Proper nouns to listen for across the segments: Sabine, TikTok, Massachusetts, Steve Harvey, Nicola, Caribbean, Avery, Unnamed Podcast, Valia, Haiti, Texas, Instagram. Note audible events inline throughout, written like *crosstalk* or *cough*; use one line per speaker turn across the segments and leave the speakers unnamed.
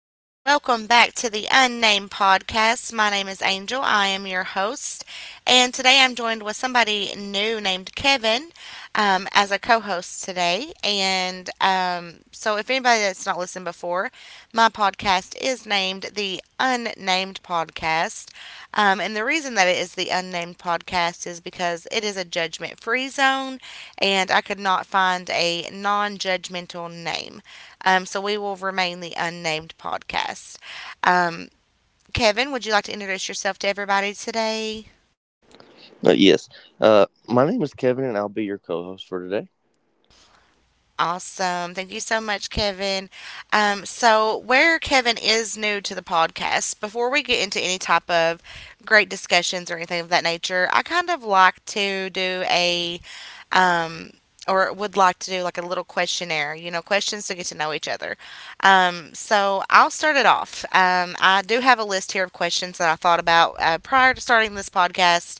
about that. Welcome back to the Unnamed Podcast. My name is Angel. I am your host. And today I'm joined with somebody new named Kevin as a co host today. If anybody that's not listened before, my podcast is named the Unnamed Podcast. And the reason that it is the Unnamed Podcast is because it is a judgment free zone and I could not find a non judgmental name. So we will remain the unnamed podcast. Um, Kevin, would you like to introduce yourself to everybody today?
Uh, yes. Uh, my name is Kevin, and I'll be your co host for today.
Awesome. Thank you so much, Kevin. So, where Kevin is new to the podcast, before we get into any type of great discussions or anything of that nature, I kind of like to do a, um, or would like to do like a little questionnaire, you know, questions to get to know each other. So, I'll start it off. I do have a list here of questions that I thought about prior to starting this podcast.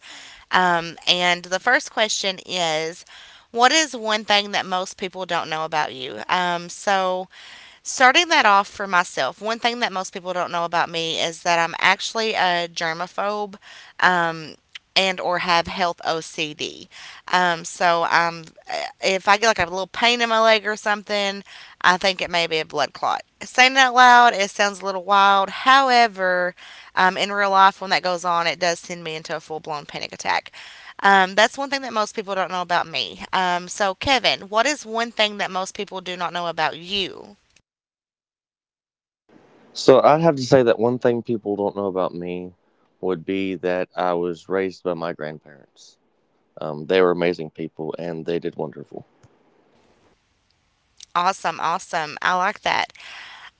And the first question is what is one thing that most people don't know about you? So starting that off for myself, one thing that most people don't know about me is that I'm actually a germaphobe um, and or have health OCD. So if I get like a little pain in my leg or something, I think it may be a blood clot. Saying it out loud, it sounds a little wild. However, in real life, when that goes on, it does send me into a full blown panic attack. That's one thing that most people don't know about me. So, Kevin, what is one thing that most people do not know about you?
So, I'd have to say that one thing people don't know about me would be that I was raised by my grandparents. They were amazing people, and they did wonderful.
Awesome, awesome. I like that.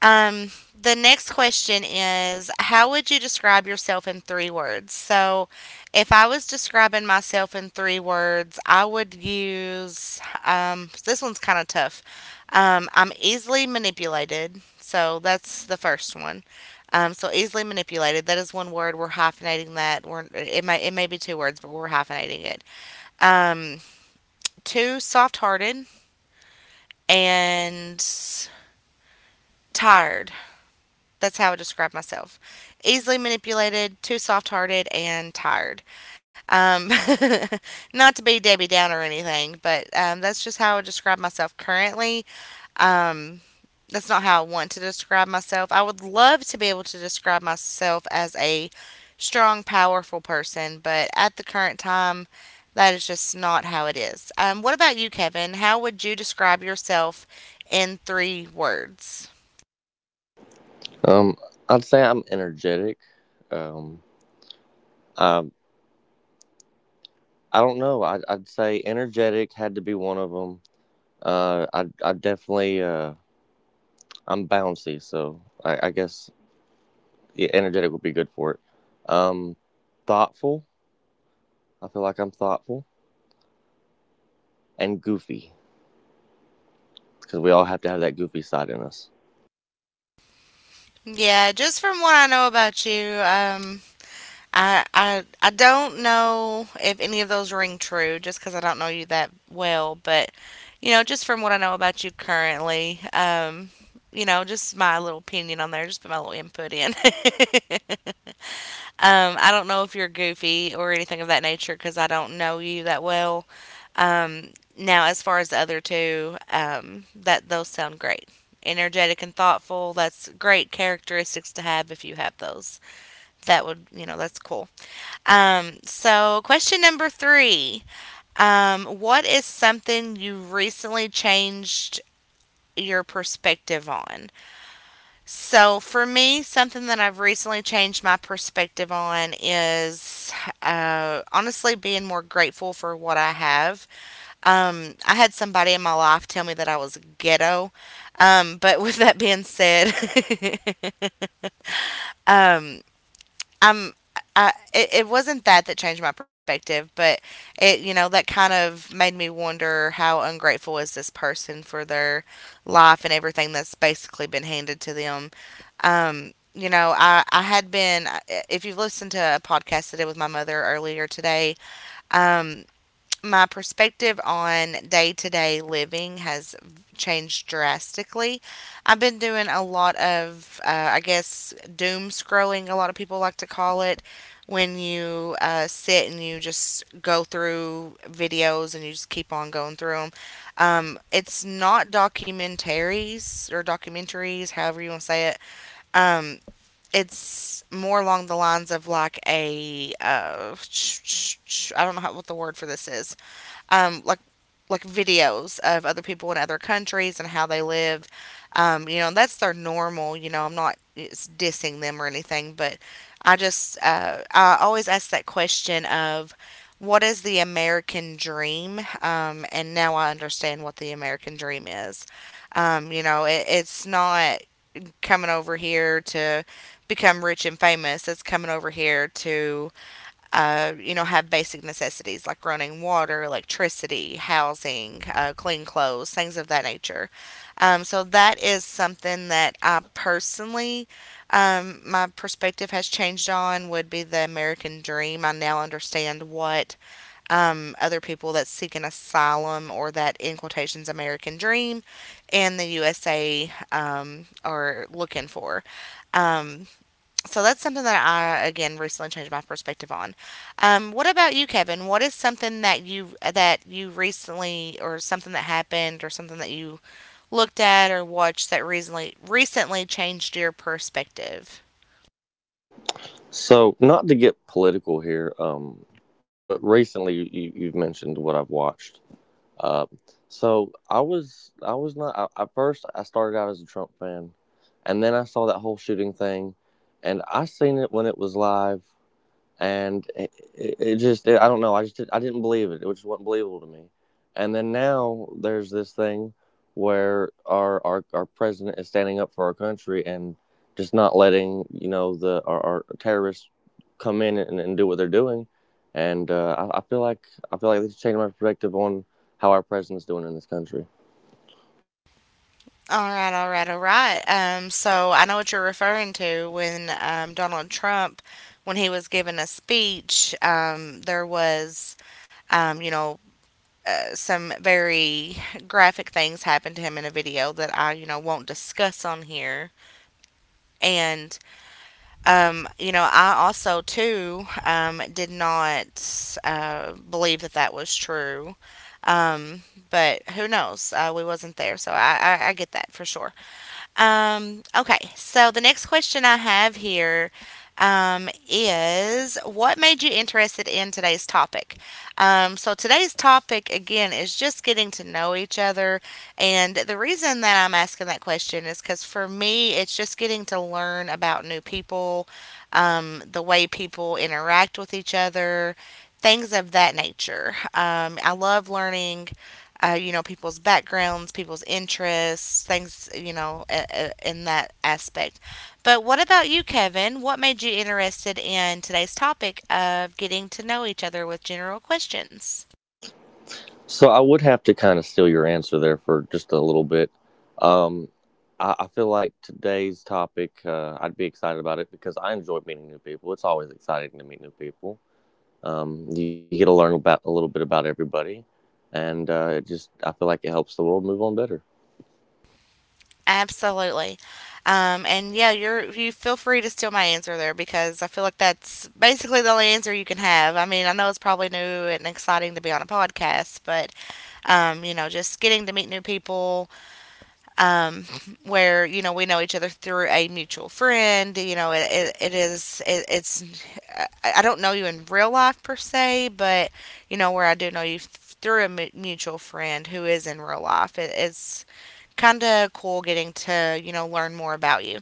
Um, the next question is how would you describe yourself in three words? So, if I was describing myself in three words, I would use this one's kind of tough. I'm easily manipulated. So, that's the first one. So easily manipulated. That is one word. We're hyphenating that. We're it may be two words, but we're hyphenating it. Um, Two soft-hearted and tired. That's how I describe myself. Easily manipulated, too soft hearted, and tired. Um, *laughs* not to be Debbie Downer or anything, but that's just how I describe myself currently. Um, that's not how I want to describe myself. I would love to be able to describe myself as a strong, powerful person, but at the current time, that is just not how it is. What about you, Kevin? How would you describe yourself in three words?
Um, I'd say I'm energetic. Um, um, I don't know. I'd say energetic had to be one of them. I definitely, I'm bouncy, so I guess yeah, energetic would be good for it. Um, Thoughtful. I feel like I'm thoughtful and goofy because we all have to have that goofy side in us.
Yeah, just from what I know about you, I don't know if any of those ring true, just because I don't know you that well. But you know, just from what I know about you currently, you know, just my little opinion on there, just put my little input in. *laughs* I don't know if you're goofy or anything of that nature, because I don't know you that well. Now, as far as the other two, that those sound great. Energetic and thoughtful. That's great characteristics to have if you have those. That would, you know, that's cool. So, question number three what is something you recently changed your perspective on? So, for me, something that I've recently changed my perspective on is honestly being more grateful for what I have. I had somebody in my life tell me that I was ghetto. But with that being said, *laughs* um, I'm it wasn't that that changed my perspective, but it, you know, that kind of made me wonder how ungrateful is this person for their life and everything that's basically been handed to them. You know, I had been, if you've listened to a podcast that I did with my mother earlier today, um, my perspective on day to day living has changed drastically. I've been doing a lot of, I guess, doom scrolling, a lot of people like to call it, when you sit and you just go through videos and you just keep on going through them. It's not documentaries or documentaries, however you want to say it. Um, it's more along the lines of like a, I don't know how, what the word for this is um, like like videos of other people in other countries and how they live. You know, and that's their normal. You know, I'm not it's dissing them or anything, but I just I always ask that question of what is the American dream? And now I understand what the American dream is. You know, it's not coming over here to become rich and famous. It's coming over here to you know, have basic necessities like running water, electricity, housing, clean clothes, things of that nature. So that is something that I personally, my perspective has changed on would be the American dream. I now understand what other people that seek an asylum or that in quotations American dream in the USA are looking for. Um, so that's something that I again recently changed my perspective on. What about you, Kevin? What is something that you recently or something that happened or something that you looked at or watched that recently changed your perspective?
So, not to get political here, but recently you have mentioned what I've watched. Uh, so I was not I, at first I started out as a Trump fan, and then I saw that whole shooting thing, and I seen it when it was live, and it just I don't know, I just I didn't believe it, it just wasn't believable to me. And then now there's this thing where our president is standing up for our country and just not letting, you know, the our terrorists come in and do what they're doing. And I feel like, this changed my perspective on how our president's doing in this country.
All right, all right, all right. So I know what you're referring to when Donald Trump, when he was giving a speech, you know, some very graphic things happened to him in a video that I, you know, won't discuss on here. And, you know, I also, too, did not believe that that was true. Um, but who knows? We wasn't there, so I get that for sure. Okay, so the next question I have here is what made you interested in today's topic? So, today's topic again is just getting to know each other. And the reason that I'm asking that question is because for me, it's just getting to learn about new people, the way people interact with each other, things of that nature. I love learning you know, people's backgrounds, people's interests, things, you know, in that aspect. But what about you, Kevin? What made you interested in today's topic of getting to know each other with general questions?
So I would have to kind of steal your answer there for just a little bit. Um, I feel like today's topic, I'd be excited about it because I enjoy meeting new people. It's always exciting to meet new people. You get to learn about a little bit about everybody, and it just, I feel like it helps the world move on better.
Absolutely. And yeah, you feel free to steal my answer there because I feel like that's basically the only answer you can have. I mean, I know it's probably new and exciting to be on a podcast, but you know, just getting to meet new people, um, where you know we know each other through a mutual friend. You know, it's I I don't know you in real life per se, but you know where I do know you through a mutual friend who is in real life. It's kind of cool getting to you know learn more about you.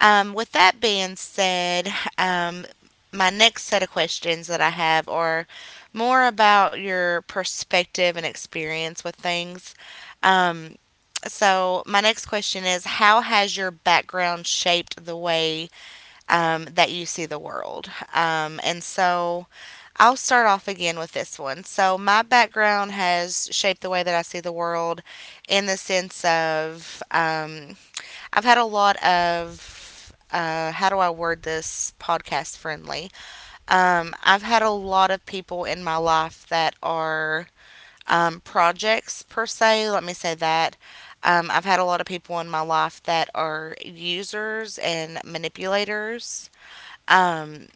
With that being said, um, my next set of questions that I have are more about your perspective and experience with things. Um, so, my next question is how has your background shaped the way that you see the world? And so, I'll start off again with this one. So, my background has shaped the way that I see the world in the sense of I've had a lot of how do I word this podcast friendly? I've had a lot of people in my life that are projects per se. Let me say that. I've had a lot of people in my life that are users and manipulators. Um,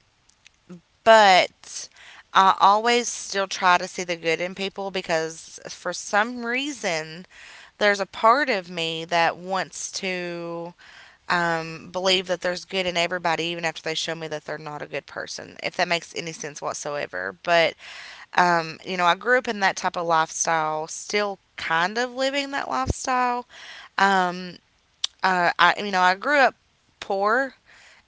but I always still try to see the good in people because for some reason there's a part of me that wants to believe that there's good in everybody, even after they show me that they're not a good person, if that makes any sense whatsoever. But, you know, I grew up in that type of lifestyle, still kind of living that lifestyle. Um, I, you know, I grew up poor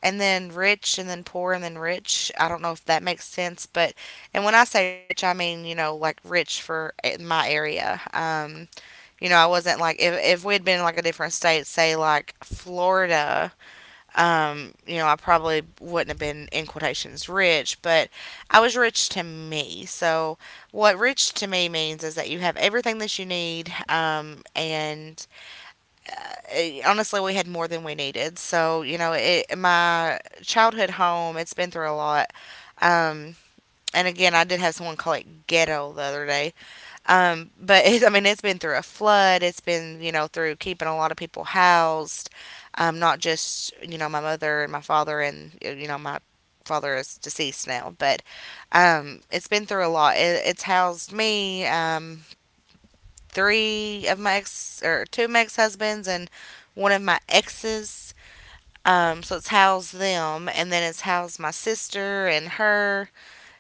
and then rich and then poor and then rich. I don't know if that makes sense, but and when I say rich, I mean you know like rich for my area. You know, I wasn't like if we had been in like a different state, say like Florida you know, I probably wouldn't have been in quotations rich, but I was rich to me. So, what rich to me means is that you have everything that you need, and honestly, we had more than we needed. So, you know, my childhood home, it's been through a lot. Um, and again, I did have someone call it ghetto the other day. But I mean, it's been through a flood. It's been, you know, through keeping a lot of people housed. Not just, you know, my mother and my father and, you know, my father is deceased now, but, it's been through a lot. It's housed me, three of my ex or two of my ex-husbands and one of my exes. So it's housed them and then it's housed my sister and her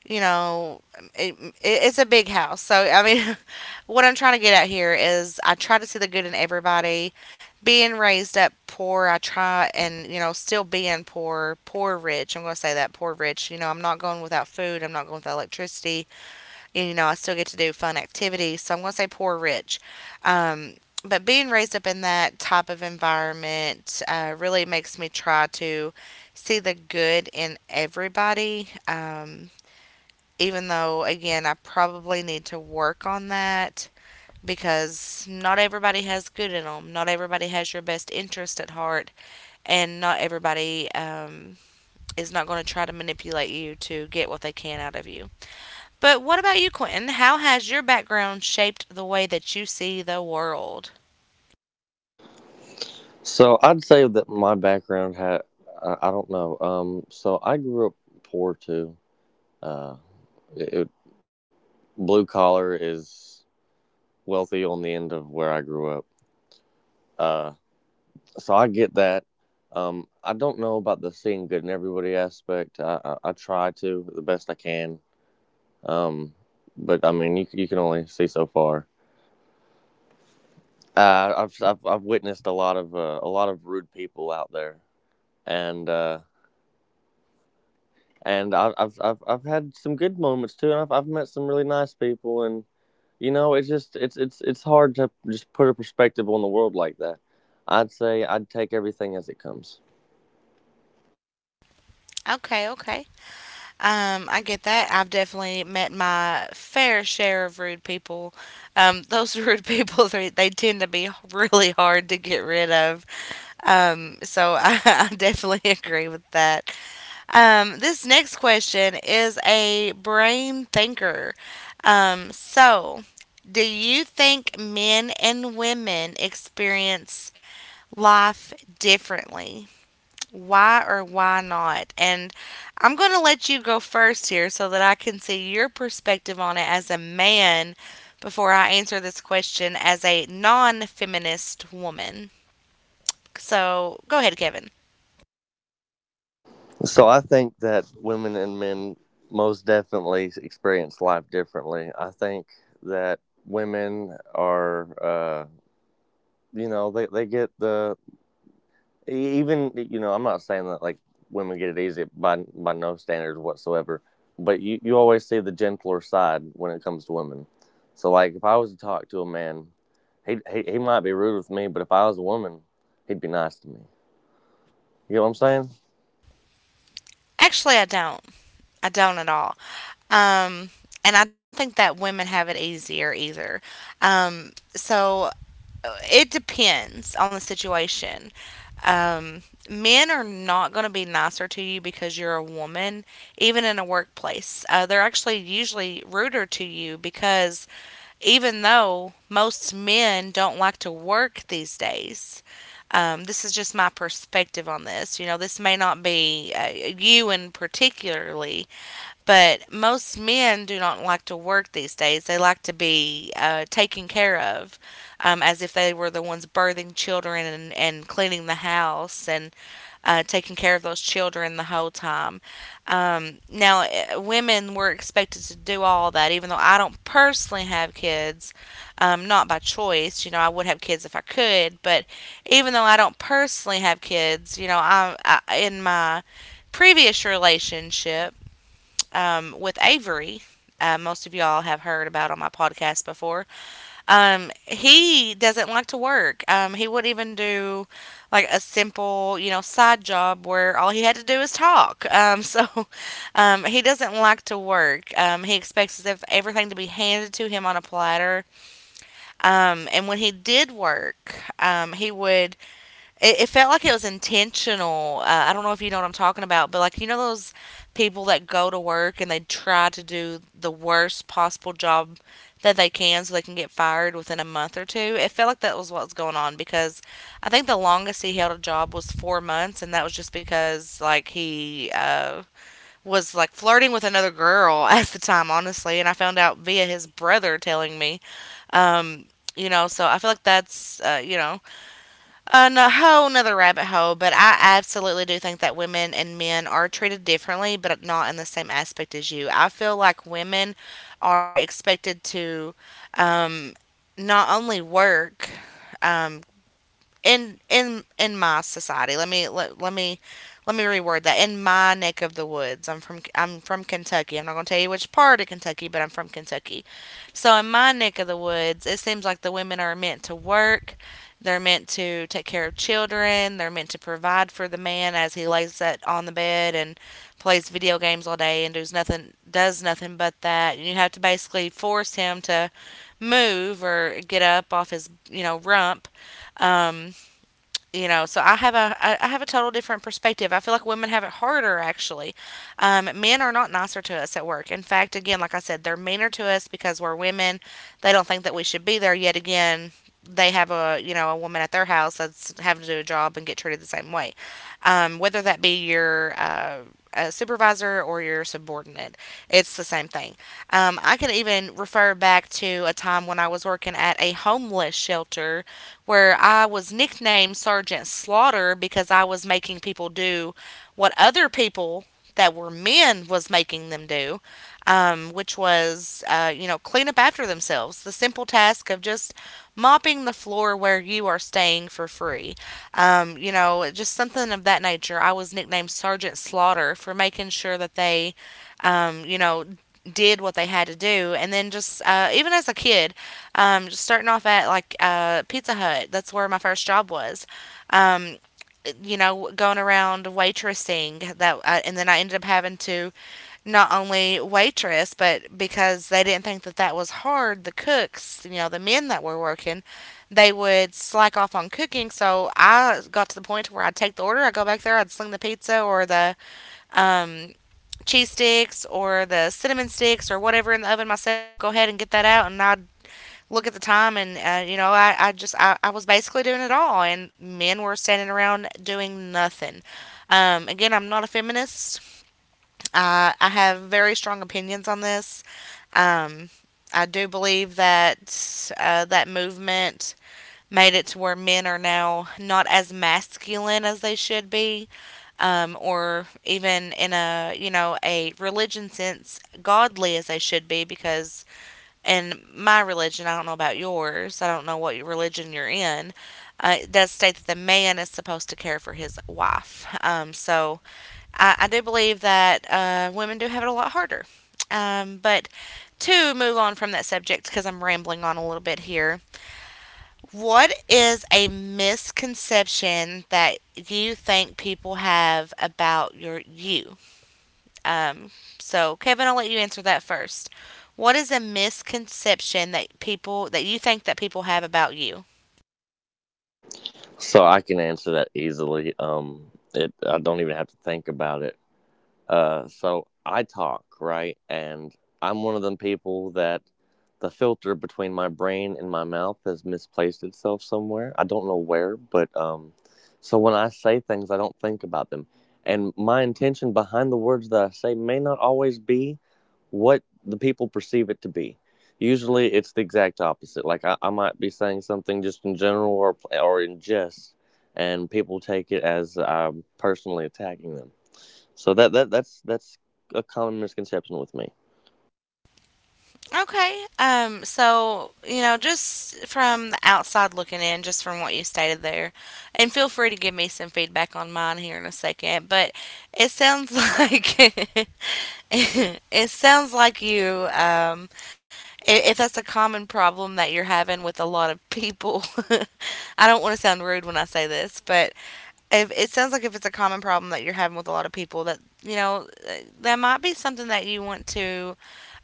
you know, it's a big house. So, I mean, *laughs* what I'm trying to get at here is I try to see the good in everybody. Being raised up poor, I try and, you know, still being poor, poor rich. I'm going to say that, poor rich. You know, I'm not going without food. I'm not going without electricity. And, you know, I still get to do fun activities. So I'm going to say poor rich. Um, but being raised up in that type of environment really makes me try to see the good in everybody. Even though, again, I probably need to work on that because not everybody has good in them. Not everybody has your best interest at heart, and not everybody is not going to try to manipulate you to get what they can out of you. But what about you, Quentin? How has your background shaped the way that you see the world?
So I'd say that my background had I don't know. So I grew up poor too. Uh, it, it- Blue collar is wealthy on the end of where I grew up. Uh, so I get that. I don't know about the seeing good in everybody aspect. I try to the best I can, um, but I mean, you can only see so far. I've witnessed a lot of rude people out there, and uh, and I, I've had some good moments too, and I've met some really nice people, and you know, it's just it's hard to just put a perspective on the world like that. I'd say I'd take everything as it comes.
Okay, okay. I get that. I've definitely met my fair share of rude people. Those *laughs* rude people, they tend to be really hard to get rid of. So I, *laughs* I definitely agree with that. This next question is a brain thinker. Um, so, do you think men and women experience life differently? Why or why not? And I'm going to let you go first here so that I can see your perspective on it as a man before I answer this question as a non feminist woman. So, go ahead, Kevin.
So I think that women and men most definitely experience life differently. I think that women are, you know, they get the even, you know, I'm not saying that like women get it easy by no standards whatsoever, but you always see the gentler side when it comes to women. So like if I was to talk to a man, he might be rude with me, but if I was a woman, he'd be nice to me. You know what I'm saying?
Actually, I don't. I don't at all. Um, and I don't think that women have it easier either. Um, so it depends on the situation. Um, Men are not going to be nicer to you because you're a woman, even in a workplace. They're actually usually ruder to you because even though most men don't like to work these days, this is just my perspective on this. You know, this may not be you in particularly, but most men do not like to work these days. They like to be taken care of as if they were the ones birthing children and cleaning the house and taking care of those children the whole time. Now, women were expected to do all that, even though I don't personally have kids, not by choice. You know, I would have kids if I could, but even though I don't personally have kids, you know, I in my previous relationship with Avery. Most of y'all have heard about on my podcast before. He doesn't like to work. He wouldn't even do like a simple, you know, side job where all he had to do is talk. *laughs* So he doesn't like to work. He expects everything to be handed to him on a platter. And when he did work, he would it felt like it was intentional. I don't know if you know what I'm talking about, but like you know those people that go to work and they try to do the worst possible job that they can so they can get fired within a month or two. It felt like that was what was going on because I think the longest he held a job was 4 months, and that was just because like he was like flirting with another girl *laughs* at the time, honestly. And I found out via his brother telling me. Um, you know, so I feel like that's you know a whole nother rabbit hole, but I absolutely do think that women and men are treated differently, but not in the same aspect as you. I feel like women are expected to um, not only work um, in my society let me reword that. In my neck of the woods, I'm from Kentucky. I'm not going to tell you which part of Kentucky, but I'm from Kentucky. So in my neck of the woods, it seems like the women are meant to work. They're meant to take care of children. They're meant to provide for the man as he lays that on the bed and plays video games all day and does nothing but that, and you have to basically force him to move or get up off his, you know, rump. um you know, so I have a total different perspective. I feel like women have it harder actually. Men are not nicer to us at work. In fact, again, like I said, they're meaner to us because we're women. They don't think that we should be there. Yet again, they have, a you know, a woman at their house that's having to do a job and get treated the same way, whether that be your supervisor or your subordinate. It's the same thing. I can even refer back to a time when I was working at a homeless shelter where I was nicknamed Sergeant Slaughter because I was making people do what other people that were men was making them do, which was, you know, clean up after themselves. The simple task of just mopping the floor where you are staying for free. You know, just something of that nature. I was nicknamed Sergeant Slaughter for making sure that they, you know, did what they had to do. And then just even as a kid just starting off at like Pizza Hut, that's where my first job was. um, you know, going around waitressing, and then I ended up having to not only waitress, but because they didn't think that that was hard, the cooks, you know, the men that were working, they would slack off on cooking. So I got to the point where I'd take the order, I'd go back there, I'd sling the pizza or the um, cheese sticks or the cinnamon sticks or whatever in the oven myself, go ahead and get that out. And I'd look at the time and, you know, I just, I was basically doing it all. And men were standing around doing nothing. Again, I'm not a feminist. I have very strong opinions on this. Um, I do believe that that movement made it to where men are now not as masculine as they should be, or even in a, you know, a religion sense godly as they should be, because in my religion, I don't know about yours, I don't know what religion you're in, it does state that the man is supposed to care for his wife. So I do believe that women do have it a lot harder, but to move on from that subject, because I'm rambling on a little bit here, what is a misconception that you think people have about you? Um, so Kevin, I'll let you answer that first. What is a misconception that people that you think that people have about you?
So I can answer that easily. It, I don't even have to think about it. So I talk right, and I'm one of them people that the filter between my brain and my mouth has misplaced itself somewhere. I don't know where, but so when I say things, I don't think about them, and my intention behind the words that I say may not always be what the people perceive it to be. Usually, it's the exact opposite. Like I might be saying something just in general or in jest, and people take it as I'm personally attacking them. So that's a common misconception with me.
Okay. So, you know, just from the outside looking in, just from what you stated there, and feel free to give me some feedback on mine here in a second, but it sounds *laughs* like *laughs* it sounds like if that's a common problem that you're having with a lot of people, *laughs* I don't want to sound rude when I say this, but if it sounds like if it's a common problem that you're having with a lot of people that you know that might be something that you want to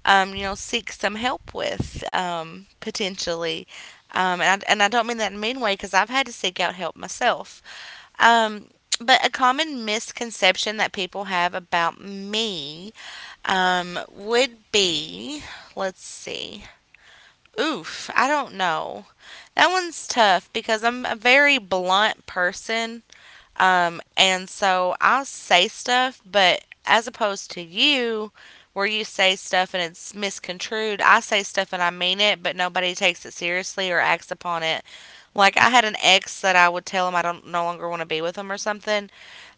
you know, seek some help with potentially. And, and I don't mean that in a mean way because I've had to seek out help myself. Um, but a common misconception that people have about me would be let's see. Oof, I don't know. That one's tough because I'm a very blunt person. And so I'll say stuff, but as opposed to you, where you say stuff and it's misconstrued, I say stuff and I mean it, but nobody takes it seriously or acts upon it. Like I had an ex that I would tell him I don't no longer want to be with him or something,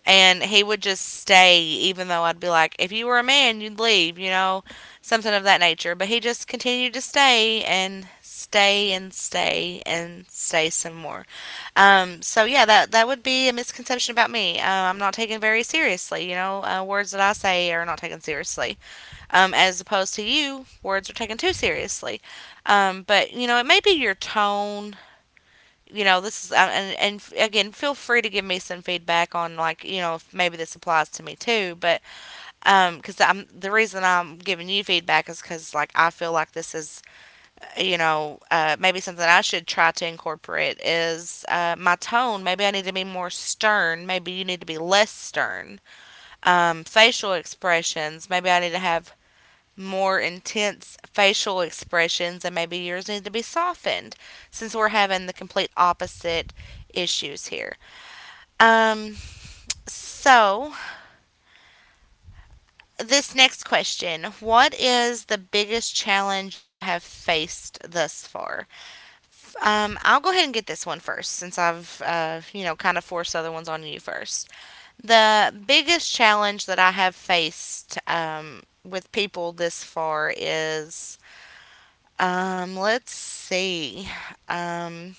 and he would just stay. Even though I'd be like, if you were a man you'd leave, you know, something of that nature. But he just continued to stay and stay and stay and stay some more. So yeah, that would be a misconception about me. I'm not taken very seriously, you know. Words that I say are not taken seriously, as opposed to you, words are taken too seriously. But you know, it may be your tone, you know. This is And again, feel free to give me some feedback on, like, you know, if maybe this applies to me too. But because I'm the reason I'm giving you feedback is because, like, I feel like this is, you know, maybe something I should try to incorporate is, my tone. Maybe I need to be more stern, maybe you need to be less stern. Facial expressions, maybe I need to have more intense facial expressions, and maybe yours need to be softened, since we're having the complete opposite issues here. Um, so, this next question: what is the biggest challenge you have faced thus far? I'll go ahead and get this one first since I've, you know, kind of forced other ones on you first. The biggest challenge that I have faced with people this far is, let's see. Um,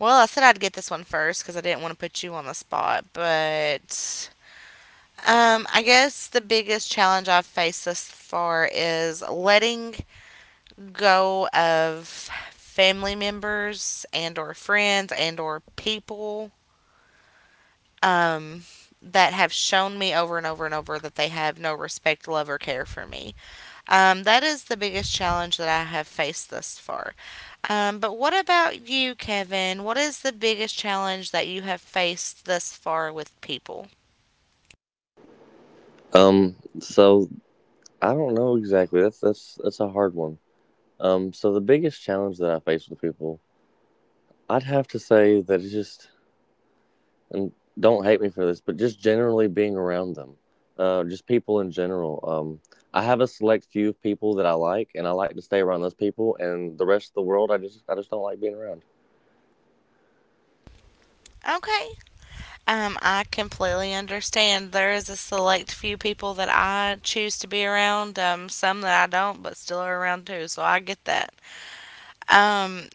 well, I said I'd get this one first because I didn't want to put you on the spot, but I guess the biggest challenge I've faced thus far is letting go of family members and or friends and or people um, that have shown me over and over and over that they have no respect, love, or care for me. That is the biggest challenge that I have faced thus far. But what about you, Kevin? What is the biggest challenge that you have faced thus far with people?
So I don't know exactly. That's a hard one. So the biggest challenge that I face with people, I'd have to say that it's just and don't hate me for this, but just generally being around them, just people in general. I have a select few of people that I like, and I like to stay around those people. And the rest of the world, I just don't like being around.
Okay. I completely understand. There is a select few people that I choose to be around, some that I don't, but still are around too, so I get that. Um,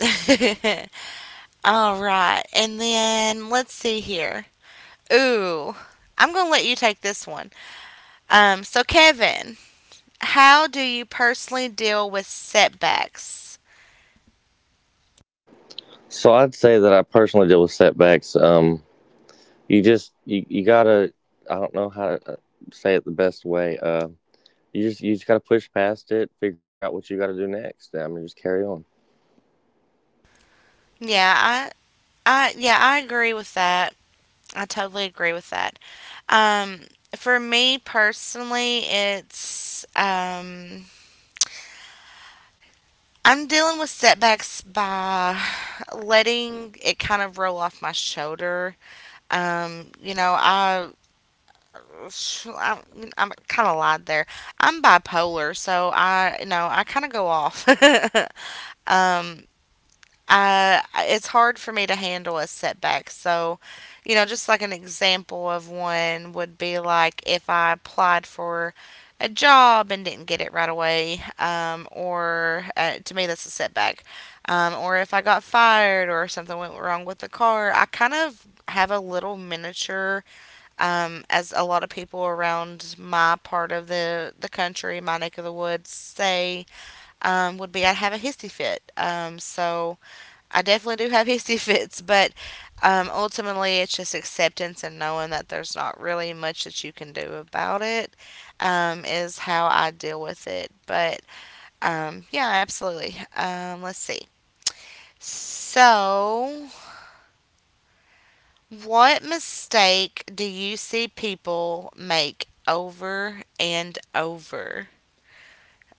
*laughs* all right. And then let's see here. Ooh, I'm going to let you take this one. So, Kevin, how do you personally deal with setbacks?
So I'd say that I personally deal with setbacks. You just, you gotta I don't know how to say it the best way. You just, you just gotta push past it, figure out what you gotta do next. I mean, just carry on.
Yeah, yeah, I agree with that. I totally agree with that. Um, for me personally, it's, I'm dealing with setbacks by letting it kind of roll off my shoulder. You know, I I'm kind of lied there. I'm bipolar, so I, you know, I kind of go off. *laughs* I It's hard for me to handle a setback. So, you know, just like an example of one would be like if I applied for a job and didn't get it right away, or to me that's a setback, or if I got fired or something went wrong with the car, I kind of have a little miniature, as a lot of people around my part of the, country, my neck of the woods say, would be I'd have a hissy fit. So I definitely do have *laughs* hissy fits, but ultimately it's just acceptance and knowing that there's not really much that you can do about it, is how I deal with it. But yeah, absolutely. Let's see. So, what mistake do you see people make over and over?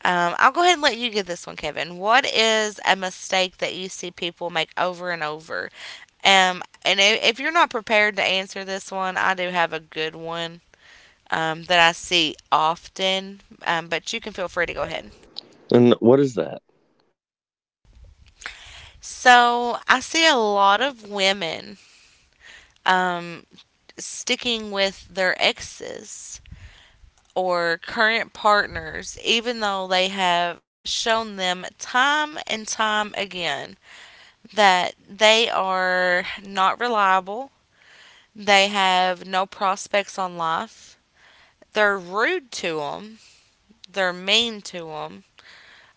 I'll go ahead and let you get this one, Kevin. What is a mistake that you see people make over and over? If you're not prepared to answer this one, I do have a good one that I see often, but you can feel free to go ahead.
And what is that?
So I see a lot of women um, sticking with their exes or current partners, even though they have shown them time and time again that they are not reliable, they have no prospects on life, they're rude to them, they're mean to them.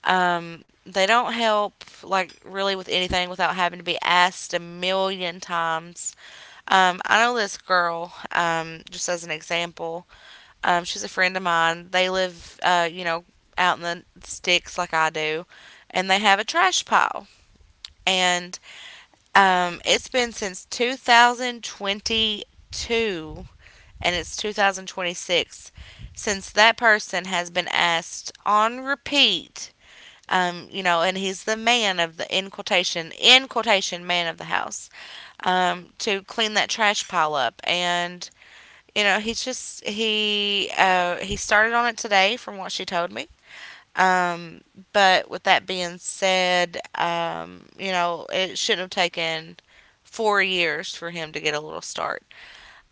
They don't help, like, really with anything without having to be asked a million times. I know this girl, just as an example, she's a friend of mine. They live, you know, out in the sticks like I do, and they have a trash pile. And it's been since 2022, and it's 2026 since that person has been asked on repeat. You know, and he's the man of the, in quotation, man of the house, to clean that trash pile up. And you know, he's just he, he started on it today from what she told me. Um, but with that being said, you know, it shouldn't have taken 4 years for him to get a little start.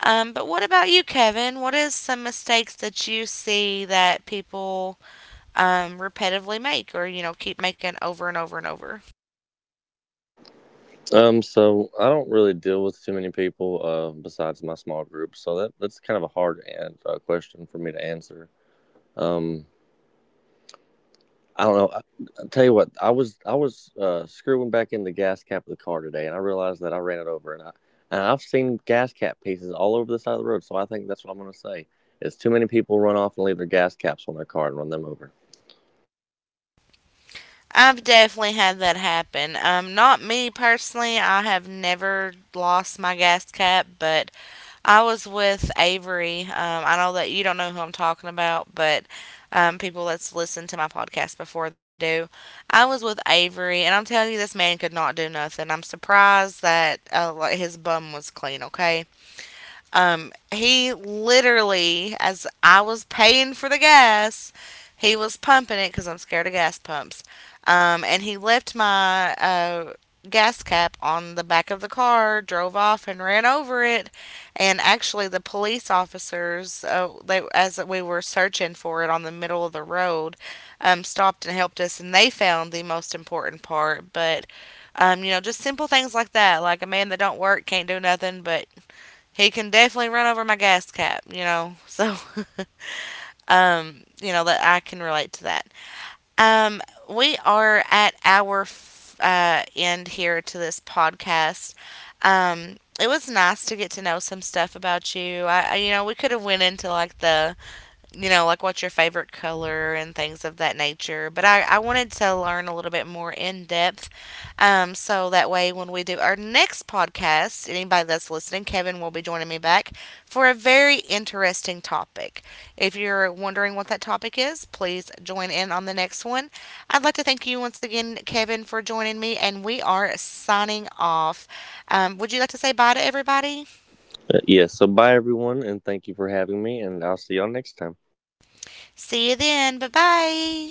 But what about you, Kevin? What is some mistakes that you see that people repetitively make, or, you know, keep making over and over and over?
So I don't really deal with too many people besides my small group, so that's kind of a hard and, question for me to answer. Um, I don't know. I tell you what, I was screwing back in the gas cap of the car today, and I realized that I ran it over, and I've seen gas cap pieces all over the side of the road, so I think that's what I'm gonna say. Is too many people run off and leave their gas caps on their car and run them over.
I've definitely had that happen. Not me personally. I have never lost my gas cap, but I was with Avery. I know that you don't know who I'm talking about, but people that's listened to my podcast before, they do. I was with Avery, and I'm telling you, this man could not do nothing. I'm surprised that, like, his bum was clean. Okay, he literally, as I was paying for the gas, he was pumping it because I'm scared of gas pumps. And he left my gas cap on the back of the car, drove off, and ran over it. And actually, the police officers, they, as we were searching for it on the middle of the road, stopped and helped us, and they found the most important part. But you know, just simple things like that, like a man that don't work can't do nothing, but he can definitely run over my gas cap, you know. So, *laughs* you know, that I can relate to that. Um, we are at our end here to this podcast. It was nice to get to know some stuff about you. I, you know, we could have went into, like, the, you know, like, what's your favorite color and things of that nature. But I wanted to learn a little bit more in depth. So that way, when we do our next podcast, anybody that's listening, Kevin will be joining me back for a very interesting topic. If you're wondering what that topic is, please join in on the next one. I'd like to thank you once again, Kevin, for joining me, and we are signing off. Would you like to say bye to everybody?
Yes. So bye everyone, and thank you for having me, and I'll see y'all next time.
See you then. Bye bye.